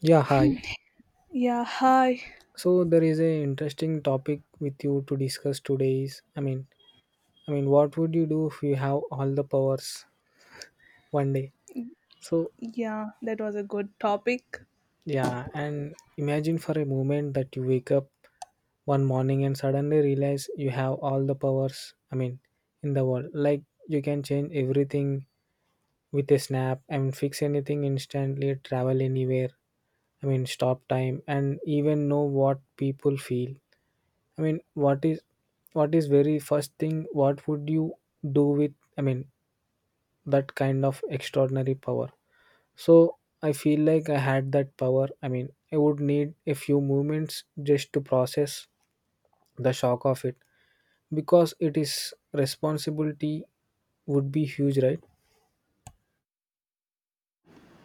Yeah, hi. Yeah, hi. So there is a interesting topic with you to discuss today is I mean what would you do if you have all the powers one day? So Yeah, that was a good topic. yeah, and imagine for a moment that you wake up one morning and suddenly realize you have all the powers, I mean, in the world. Like you can change everything with a snap, I mean fix anything instantly, travel anywhere, I mean stop time and even know what people feel. I mean, what is very first thing? What would you do with? I mean, that kind of extraordinary power. So I feel like I had that power. I mean, I would need a few moments just to process the shock of it, because it is responsibility would be huge, right?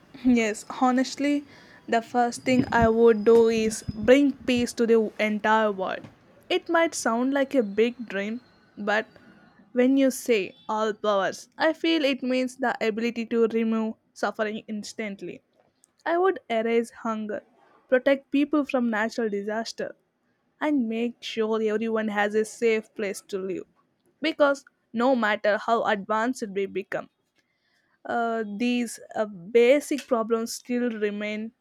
Yes, honestly, the first thing I would do is bring peace to the entire world. It might sound like a big dream, but when you say all powers, I feel it means the ability to remove suffering instantly. I would erase hunger, protect people from natural disaster, and make sure everyone has a safe place to live. Because no matter how advanced we become, these basic problems still remain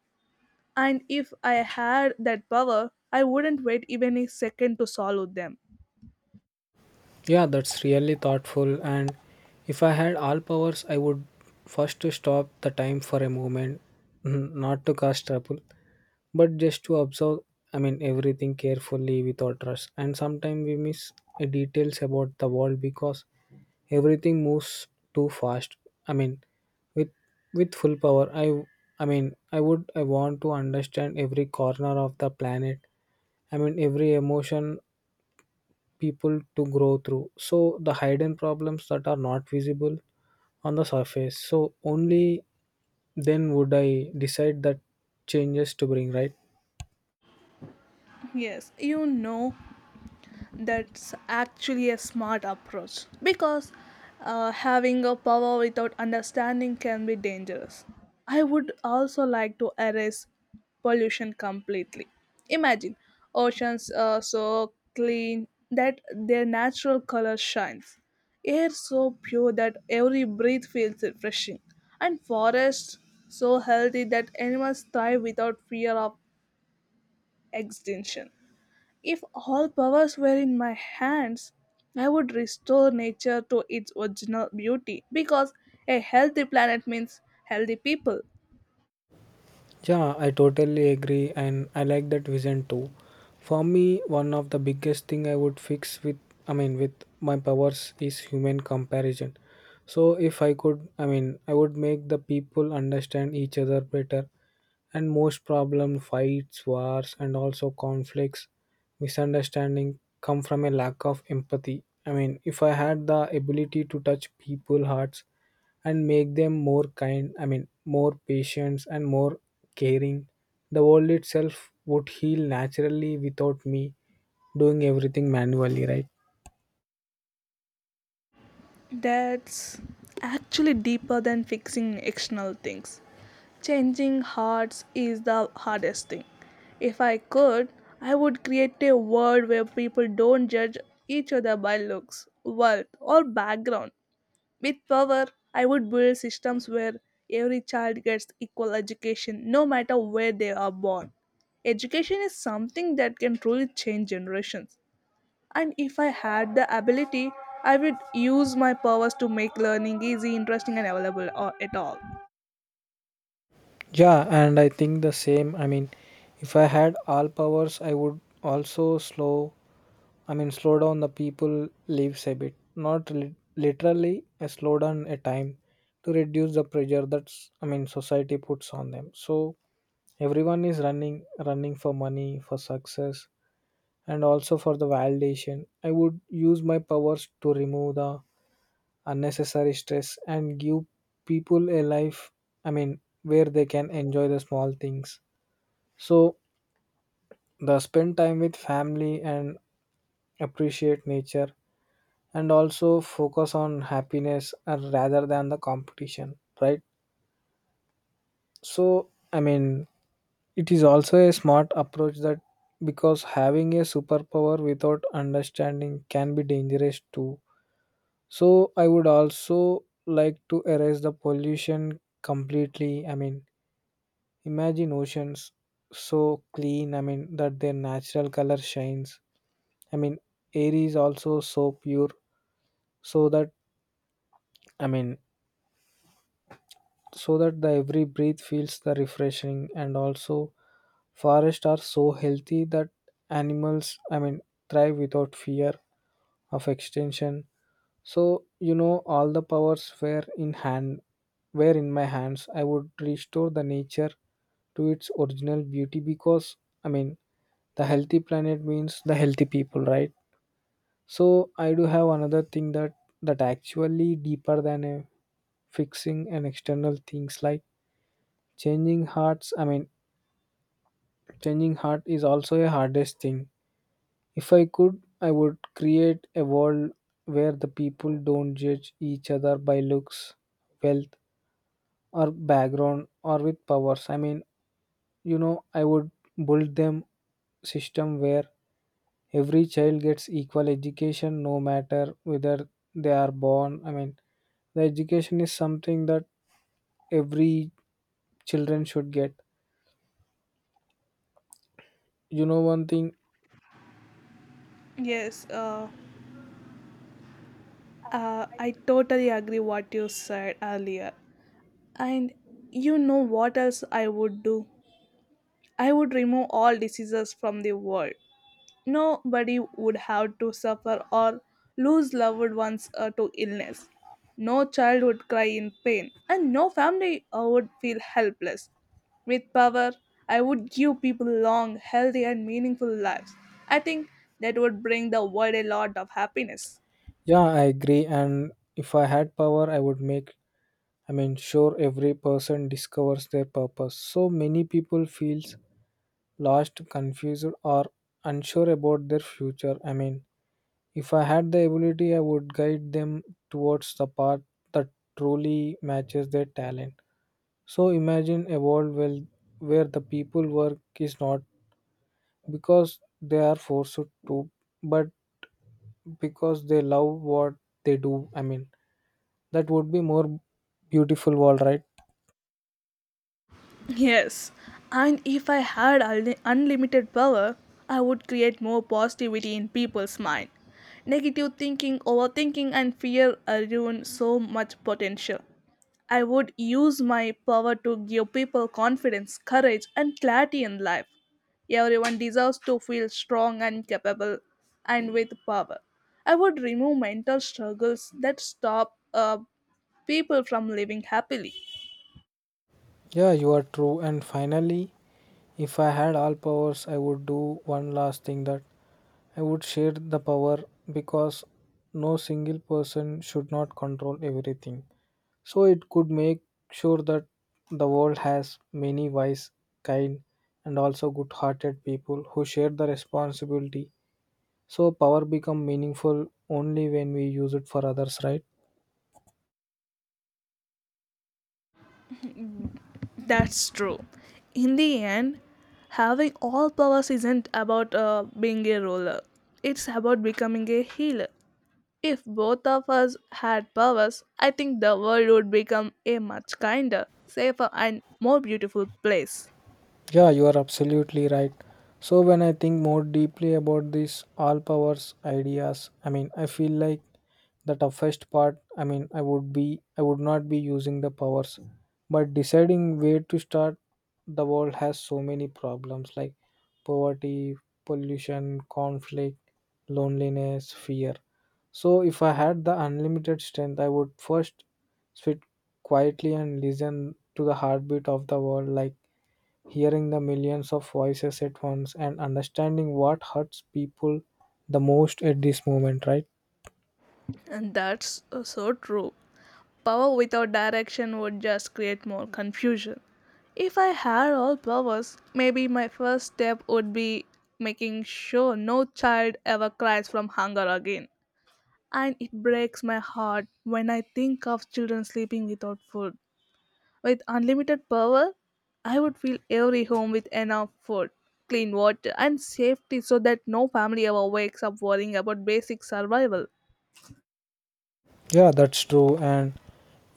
and if I had that power I wouldn't wait even a second to solve them Yeah, that's really thoughtful. And if I had all powers, I would first to stop the time for a moment, not to cause trouble, but just to observe, I mean, everything carefully without rush. And sometimes we miss details about the world because everything moves too fast. I mean, with with full power, I mean I want to understand every corner of the planet, I mean every emotion people to grow through, so the hidden problems that are not visible on the surface. So only then would I decide that changes to bring, right? yes you know that's actually a smart approach because having a power without understanding can be dangerous. I would also like to erase pollution completely. Imagine oceans so clean that their natural color shines, air so pure that every breath feels refreshing, and forests so healthy that animals thrive without fear of extinction. If all powers were in my hands, I would restore nature to its original beauty because a healthy planet means healthy people. Yeah, I totally agree and I like that vision too. For me, one of the biggest thing I would fix with I mean with my powers is human comparison. So if I could, I mean I would make the people understand each other better. And most problem fights wars and also conflicts misunderstanding come from a lack of empathy. I mean, if I had the ability to touch people hearts and make them more kind, I mean more patient and more caring, the world itself would heal naturally without me doing everything manually, right? That's actually deeper than fixing external things. Changing hearts is the hardest thing. If I could, I would create a world where people don't judge each other by looks, wealth, or background. With power, I would build systems where every child gets equal education no matter where they are born. Education is something that can truly change generations. And if I had the ability, I would use my powers to make learning easy, interesting, and available or at all. Yeah, and I think the same. I mean, if I had all powers, I would also slow down the people lives a bit, not literally a slow down a time, to reduce the pressure that's, I mean, society puts on them. So everyone is running for money, for success, and also for the validation. I would use my powers to remove the unnecessary stress and give people a life. I mean, where they can enjoy the small things. So the spend time with family and appreciate nature and also focus on happiness rather than the competition, right? So I mean it is also a smart approach that, because having a superpower without understanding can be dangerous too. So I would also like to erase the pollution completely. I mean, imagine oceans so clean, I mean that their natural color shines. I mean air is also so pure, so that i mean so that the every breath feels the refreshing, and also forests are so healthy that animals, I mean, thrive without fear of extinction. So all the powers were in my hands, I would restore the nature to its original beauty, because, I mean, the healthy planet means the healthy people, right? So I do have another thing, that actually deeper than a fixing and external things like Changing hearts, I mean, changing heart is also a hardest thing. If I could, I would create a world where the people don't judge each other by looks, wealth, or background, or with powers. I mean, I would build them system where every child gets equal education no matter whether they are born. I mean, the education is something that every children should get, you know, one thing. Yes, I totally agree what you said earlier. And you know what else I would do? I would remove all diseases from the world. Nobody would have to suffer or lose loved ones to illness. No child would cry in pain, and no family would feel helpless. With power, I would give people long, healthy, and meaningful lives. I think that would bring the world a lot of happiness. Yeah, I agree. And if I had power, I would make, I mean, sure every person discovers their purpose. So many people feels lost, confused, or unsure about their future. I mean, if I had the ability, I would guide them towards the path that truly matches their talent. So imagine a world where the people work is not because they are forced to, but because they love what they do. I mean, that would be more beautiful world, right? Yes, and if I had unlimited power, I would create more positivity in people's mind. Negative thinking, overthinking, and fear ruin so much potential. I would use my power to give people confidence, courage, and clarity in life. Everyone deserves to feel strong and capable, and with power. I would remove mental struggles that stop people from living happily. Yeah, you are true. And finally, if I had all powers, I would do one last thing, that I would share the power, because no single person should not control everything. So it could make sure that the world has many wise, kind, and also good hearted people who share the responsibility. So power become meaningful only when we use it for others, right? That's true. In the end, having all powers isn't about being a ruler, it's about becoming a healer. If both of us had powers, I think the world would become a much kinder, safer, and more beautiful place. Yeah, you are absolutely right. So, when I think more deeply about these all powers ideas, I mean, I feel like the toughest part, I mean, I would not be using the powers, but deciding where to start. The world has so many problems like poverty, pollution, conflict, loneliness, fear. So, if I had the unlimited strength, I would first sit quietly and listen to the heartbeat of the world, like hearing the millions of voices at once and understanding what hurts people the most at this moment, right? And that's so true. Power without direction would just create more confusion. If I had all powers, maybe my first step would be making sure no child ever cries from hunger again. And it breaks my heart when I think of children sleeping without food. With unlimited power, I would fill every home with enough food, clean water, and safety so that no family ever wakes up worrying about basic survival. Yeah, that's true. And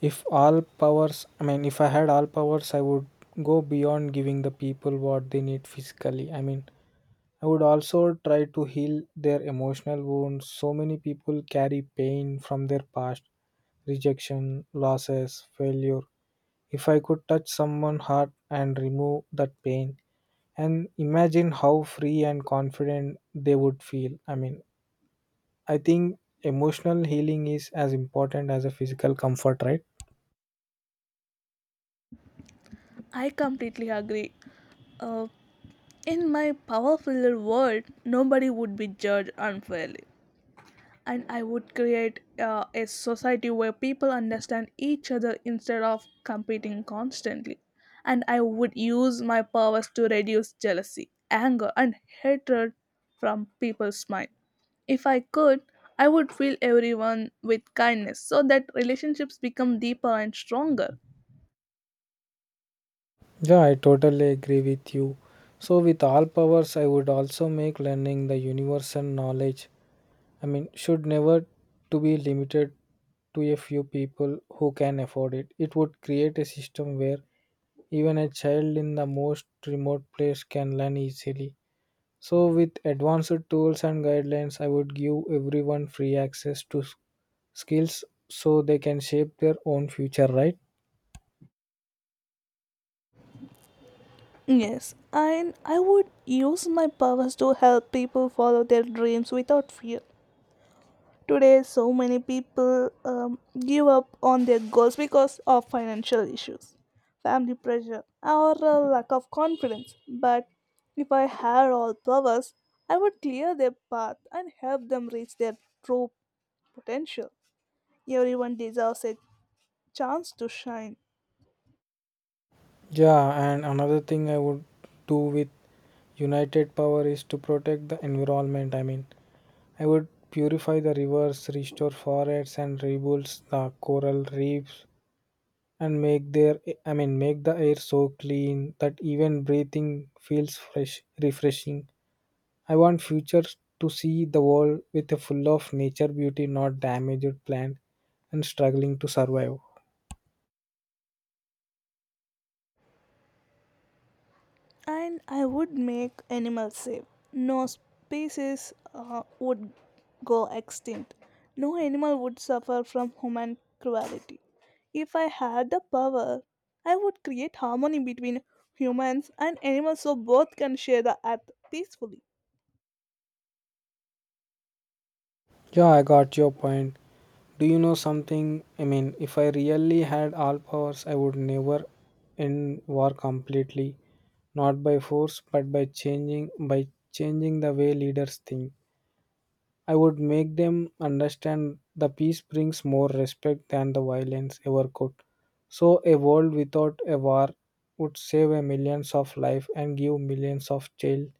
if all powers I mean if I had all powers, I would go beyond giving the people what they need physically. I mean, I would also try to heal their emotional wounds. So many people carry pain from their past: rejection, losses, failure. If I could touch someone's heart and remove that pain, and imagine how free and confident they would feel. I mean, I think emotional healing is as important as a physical comfort, right? I completely agree. Uh, in my power filled world, nobody would be judged unfairly. And I would create a society where people understand each other instead of competing constantly. And I would use my powers to reduce jealousy, anger, and hatred from people's mind. If I could, I would fill everyone with kindness so that relationships become deeper and stronger. Yeah, I totally agree with you. So with all powers, I would also make learning the universal knowledge, I mean, should never to be limited to a few people who can afford it. It would create a system where even a child in the most remote place can learn easily. So, with advanced tools and guidelines, I would give everyone free access to skills, so they can shape their own future, right? Yes, and I would use my powers to help people follow their dreams without fear. Today, so many people give up on their goals because of financial issues, family pressure, or a lack of confidence. But if I had all powers, I would clear their path and help them reach their true potential. Everyone deserves a chance to shine. Yeah, and another thing I would do with United Power is to protect the environment. I mean, I would purify the rivers, restore forests, and rebuild the coral reefs, and make their I mean make the air so clean that even breathing feels fresh, refreshing. I want future to see the world with a full of nature beauty, not damaged plant and struggling to survive. And I would make animals safe. No species would go extinct. No animal would suffer from human cruelty. If I had the power, I would create harmony between humans and animals so both can share the earth peacefully. Yeah, I got your point. Do you know something? I mean, if I really had all powers, I would never end war completely, not by force, but by changing the way leaders think. I would make them understand the peace brings more respect than the violence ever could. So, a world without a war would save a millions of lives and give millions of child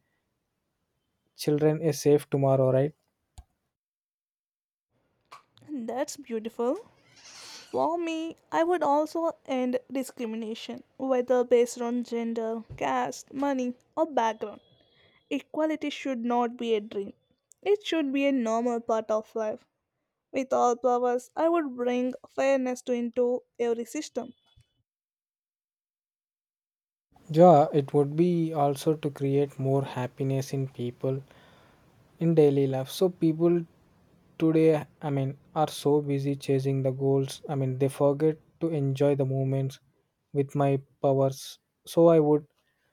children a safe tomorrow, right? And that's beautiful. For me, I would also end discrimination, whether based on gender, caste, money, or background. Equality should not be a dream. It should be a normal part of life. With all powers, I would bring fairness to into every system. Yeah, it would be also to create more happiness in people in daily life. So people today, I mean, are so busy chasing the goals. I mean, they forget to enjoy the moments with my powers. So I would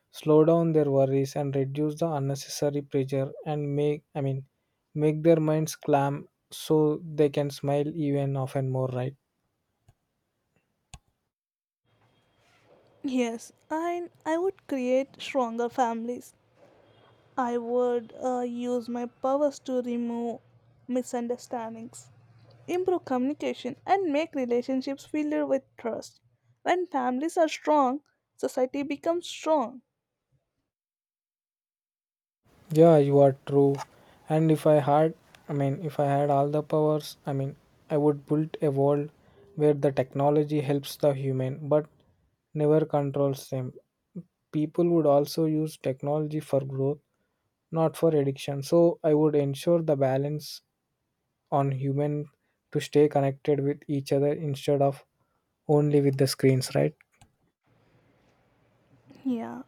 slow down their worries and reduce the unnecessary pressure and make their minds calm, so they can smile even often more, right? Yes, and I would create stronger families. I would use my powers to remove misunderstandings, improve communication, and make relationships filled with trust. When families are strong, society becomes strong. Yeah, you are true. And if I had, I mean, if I had all the powers, I mean, I would build a world where the technology helps the human but never controls them. People would also use technology for growth, not for addiction. So I would ensure the balance on human to stay connected with each other instead of only with the screens, right? Yeah,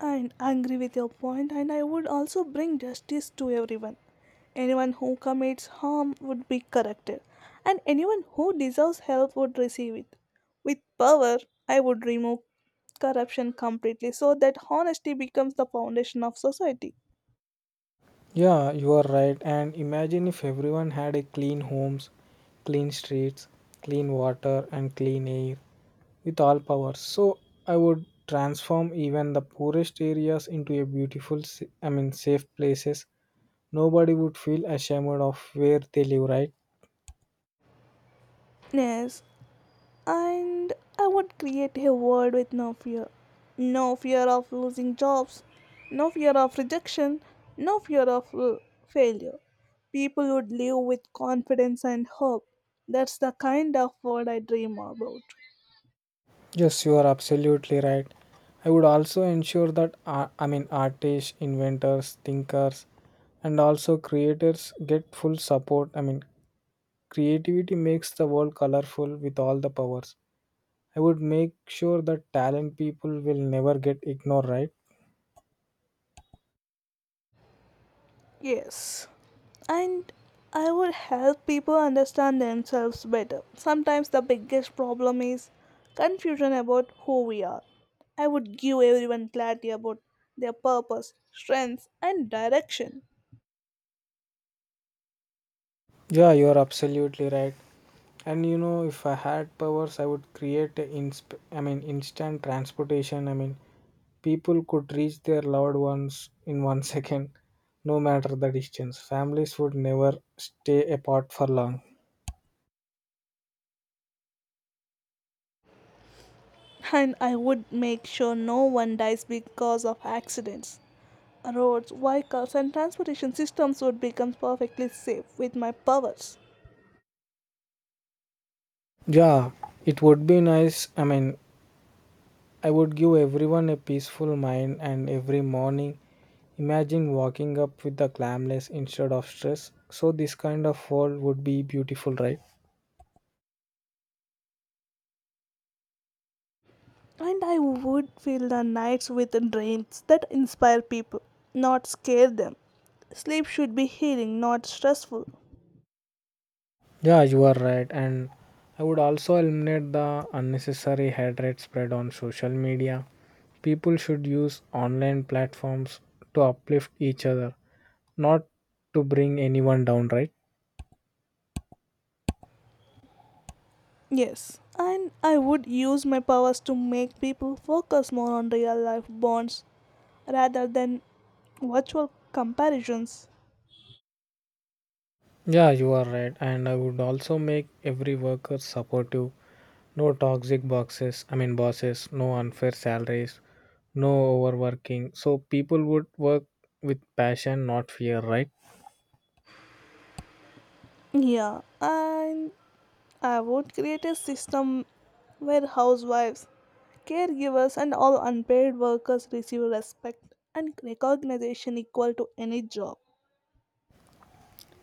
and I agree with your point, and I would also bring justice to everyone. Anyone who commits harm would be corrected, and anyone who deserves help would receive it. With power, I would remove corruption completely so that honesty becomes the foundation of society. Yeah, you are right. And imagine if everyone had a clean homes, clean streets, clean water, and clean air. With all power, so I would transform even the poorest areas into a beautiful safe places. Nobody would feel ashamed of where they live, right? Yes, and I would create a world with no fear. No fear of losing jobs, no fear of rejection, no fear of failure. People would live with confidence and hope. That's the kind of world I dream about. Yes, you are absolutely right. I would also ensure that artists, inventors, thinkers, and also creators get full support. I mean, creativity makes the world colorful. With all the powers, I would make sure that talent people will never get ignored, right? Yes. And I would help people understand themselves better. Sometimes the biggest problem is confusion about who we are. I would give everyone clarity about their purpose, strengths, and direction. Yeah, you are absolutely right. And you know, if I had powers, I would create a instant transportation. I mean, people could reach their loved ones in 1 second, no matter the distance. Families would never stay apart for long. And I would make sure no one dies because of accidents. Roads, vehicles, and transportation systems would become perfectly safe with my powers. Yeah, it would be nice. I mean, I would give everyone a peaceful mind and every morning. Imagine waking up with the calmness instead of stress. So, this kind of world would be beautiful, right? And I would fill the nights with dreams that inspire people, not scare them. Sleep should be healing, not stressful. Yeah, you are right. And I would also eliminate the unnecessary hate rate spread on social media. People should use online platforms to uplift each other, not to bring anyone down, right? Yes, and I would use my powers to make people focus more on real life bonds rather than virtual comparisons. Yeah, you are right. And I would also make every worker supportive. No toxic boxes, I mean bosses, no unfair salaries, no overworking. So people would work with passion, not fear, right? Yeah, and I would create a system where housewives, caregivers, and all unpaid workers receive respect and recognition equal to any job.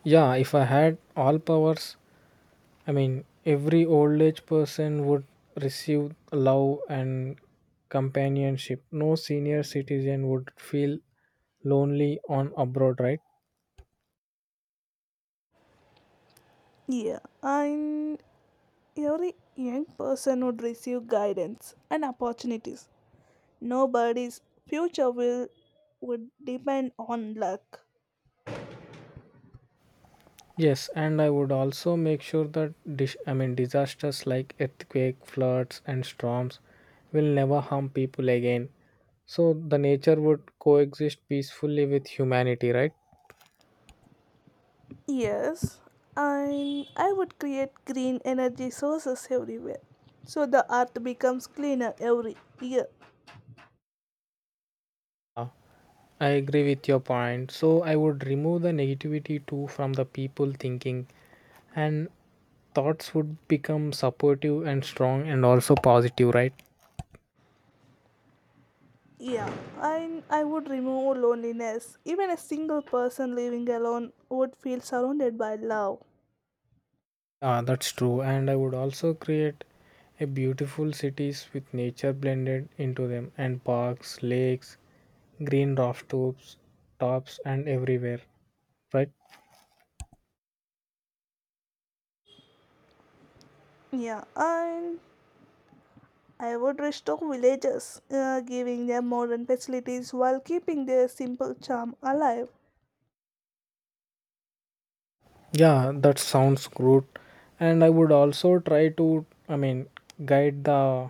Yeah, if I had all powers, I mean, every old age person would receive love and companionship. No senior citizen would feel lonely on abroad, right? Yeah, and every young person would receive guidance and opportunities. Nobody's future will would depend on luck. Yes, and I would also make sure that I mean disasters like earthquake, floods, and storms will never harm people again. So the nature would coexist peacefully with humanity, right? Yes, and I would create green energy sources everywhere, so the earth becomes cleaner every year. Yeah, I agree with your point. So I would remove the negativity too from the people thinking and thoughts would become supportive and strong and also positive, right? Yeah, and I would remove loneliness. Even a single person living alone would feel surrounded by love. Ah, that's true. And I would also create a beautiful cities with nature blended into them, and parks, lakes, green rooftops tops and everywhere, right? Yeah, and I would restore villages, giving them modern facilities while keeping their simple charm alive. Yeah, that sounds good. And I would also try to, I mean, guide the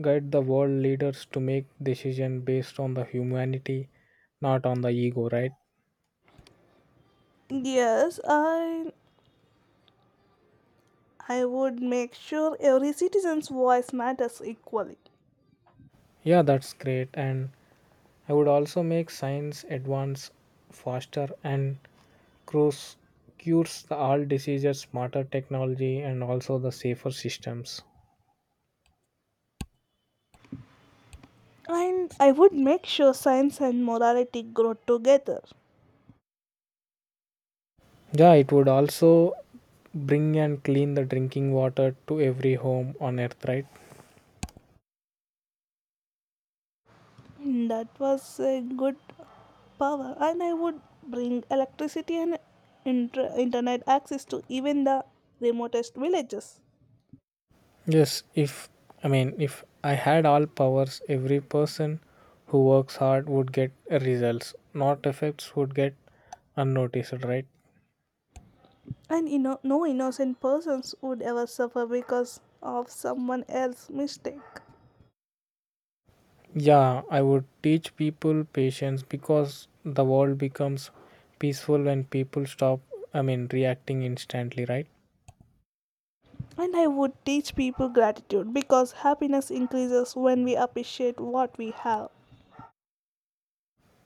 guide the world leaders to make decision based on the humanity, not on the ego, right? Yes, I would make sure every citizen's voice matters equally. Yeah, that's great. And I would also make science advance faster and cures, cures the all diseases, smarter technology, and also the safer systems. And I would make sure science and morality grow together. Yeah, it would also bring and clean the drinking water to every home on earth, right? That was a good power. And I would bring electricity and internet access to even the remotest villages. Yes, if I mean, if I had all powers, every person who works hard would get results, not effects would get unnoticed, right? And you know, no innocent persons would ever suffer because of someone else's mistake. Yeah, I would teach people patience because the world becomes peaceful when people stop, I mean, reacting instantly, right? And I would teach people gratitude because happiness increases when we appreciate what we have.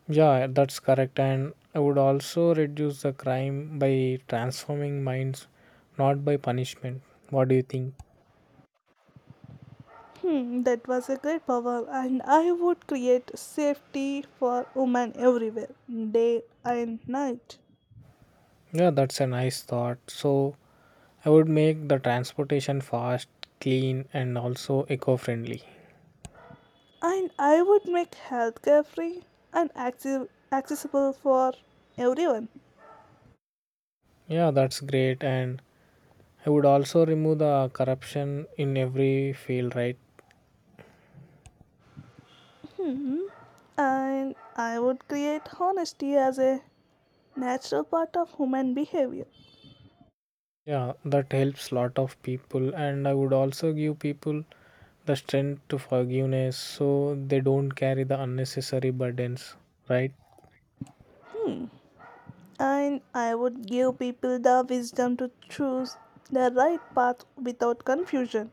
Yeah, that's correct. And I would also reduce the crime by transforming minds, not by punishment. What do you think? Hmm, that was a great power, and I would create safety for women everywhere, day and night. Yeah, that's a nice thought. So, I would make the transportation fast, clean, and also eco friendly. And I would make healthcare free and accessible for everyone. Yeah, that's great. And I would also remove the corruption in every field, right? Hmm. And I would create honesty as a natural part of human behavior. Yeah, that helps lot of people, and I would also give people the strength to forgiveness so they don't carry the unnecessary burdens, right? And I would give people the wisdom to choose the right path without confusion.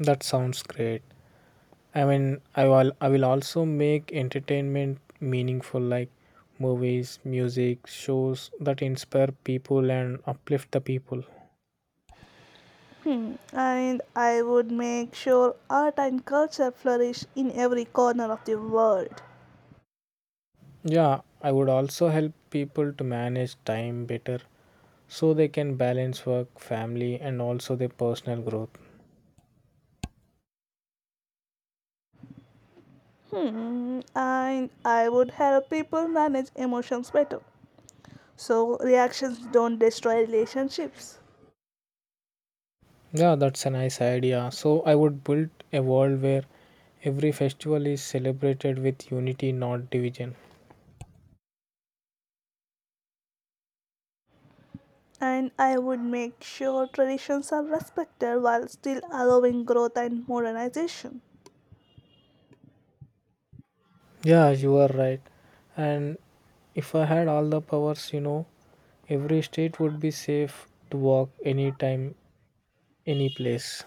That sounds great. I mean, I will also make entertainment meaningful, like movies, music, shows that inspire people and uplift the people. Hmm. And I would make sure art and culture flourish in every corner of the world. Yeah, I would also help people to manage time better so they can balance work, family, and also their personal growth. Hmm. And I would help people manage emotions better. So reactions don't destroy relationships. Yeah, that's a nice idea. So I would build a world where every festival is celebrated with unity, not division. And I would make sure traditions are respected while still allowing growth and modernization. Yeah, you are right. And if I had all the powers, you know, every state would be safe to walk anytime, any place.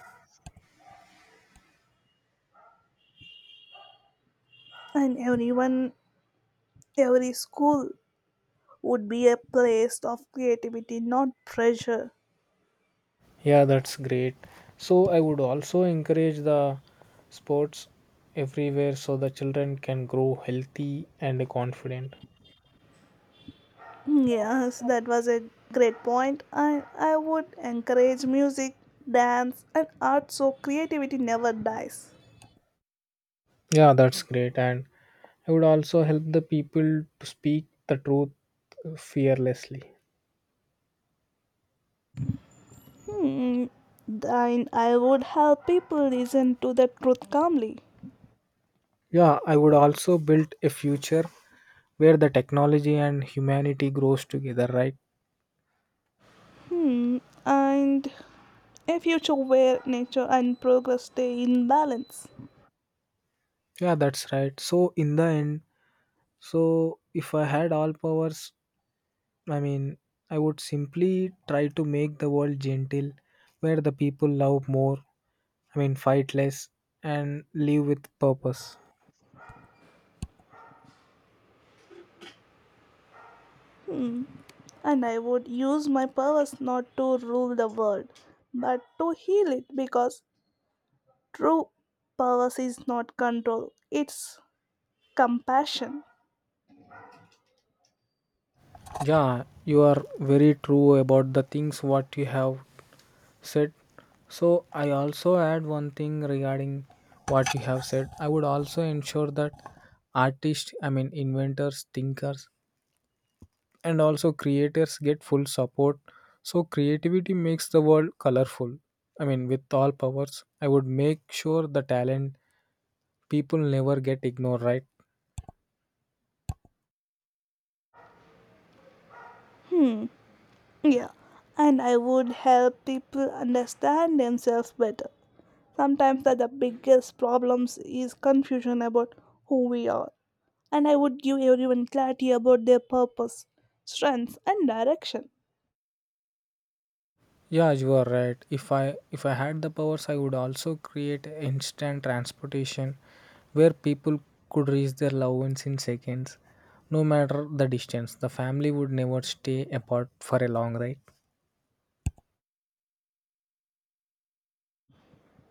And everyone. Every school would be a place of creativity, not pressure. Yeah, that's great. So I would also encourage the sports everywhere so the children can grow healthy and confident. Yes, that was a great point. I would encourage music, dance, and art so creativity never dies. Yeah, that's great. And I would also help the people to speak the truth fearlessly. Hmm. And I would help people listen to the truth calmly. Yeah, I would also build a future where the technology and humanity grows together, right? Hmm. And a future where nature and progress stay in balance. Yeah, that's right. So in the end, so if I had all powers, I mean, I would simply try to make the world gentle, where the people love more, I mean, fight less and live with purpose. And I would use my powers not to rule the world, but to heal it because true policy is not control, it's compassion. Yeah, you are very true about the things what you have said. So I also add one thing regarding what you have said. I would also ensure that artists, I mean inventors, thinkers, and also creators get full support. So creativity makes the world colorful. I mean, with all powers, I would make sure the talent people never get ignored, right? Yeah, and I would help people understand themselves better. Sometimes that the biggest problems is confusion about who we are. And I would give everyone clarity about their purpose, strengths, and direction. Yeah, you are right. If I had the powers, I would also create instant transportation where people could reach their loved ones in seconds, no matter the distance. The family would never stay apart for a long ride.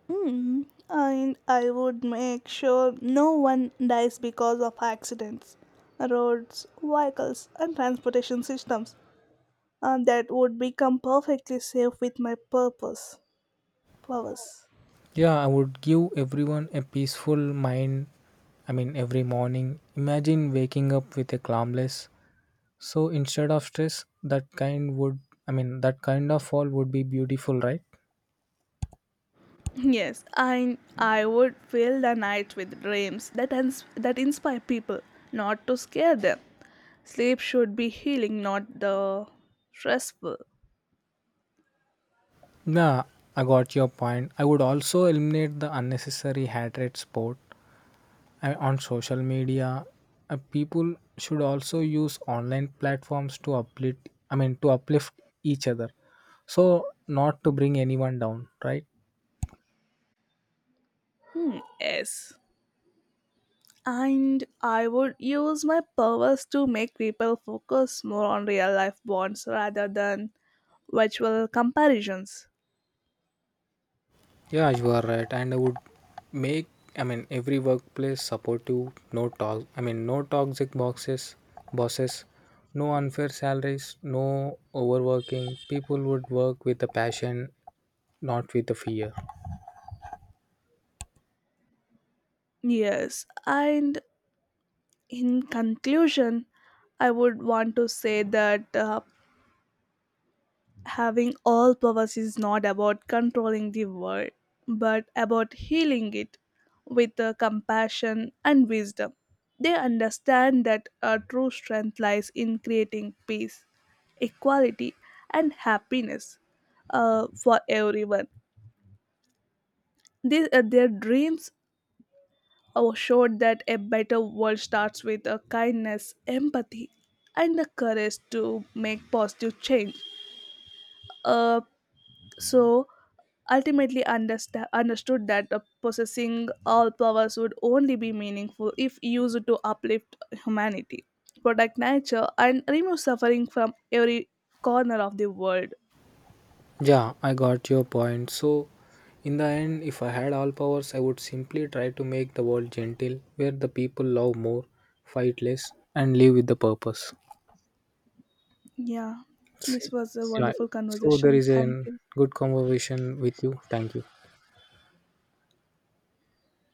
Mm, and I would make sure no one dies because of accidents, roads, vehicles, and transportation systems that would become perfectly safe with my purpose powers. Yeah, I would give everyone a peaceful mind. I mean, every morning. Imagine waking up with a calmness. So instead of stress, that kind would I mean that kind of fall would be beautiful, right? Yes, I would fill the night with dreams that that inspire people, not to scare them. Sleep should be healing, not the stressful. Nah, I got your point. I would also eliminate the unnecessary hatred sport on social media. People should also use online platforms to uplift. I mean, to uplift each other, so not to bring anyone down, right? Hmm, yes. And I would use my powers to make people focus more on real life bonds rather than virtual comparisons. Yeah, you are right. And I would make. I mean, every workplace supportive. No talk. I mean, no toxic boxes, bosses. No unfair salaries, no overworking. People would work with a passion not with the fear. Yes, and in conclusion, I would want to say that having all powers is not about controlling the world, but about healing it with compassion and wisdom. They understand that our true strength lies in creating peace, equality, and happiness for everyone. These, their dreams or showed that a better world starts with a kindness, empathy, and the courage to make positive change. Uh, so ultimately understood that possessing all powers would only be meaningful if used to uplift humanity, protect nature, and remove suffering from every corner of the world. Yeah, I got your point. So, in the end, if I had all powers, I would simply try to make the world gentle, where the people love more, fight less, and live with the purpose. Yeah, S- this was a Yeah. wonderful So, there conversation. is a Thank you. good conversation with you. Thank you.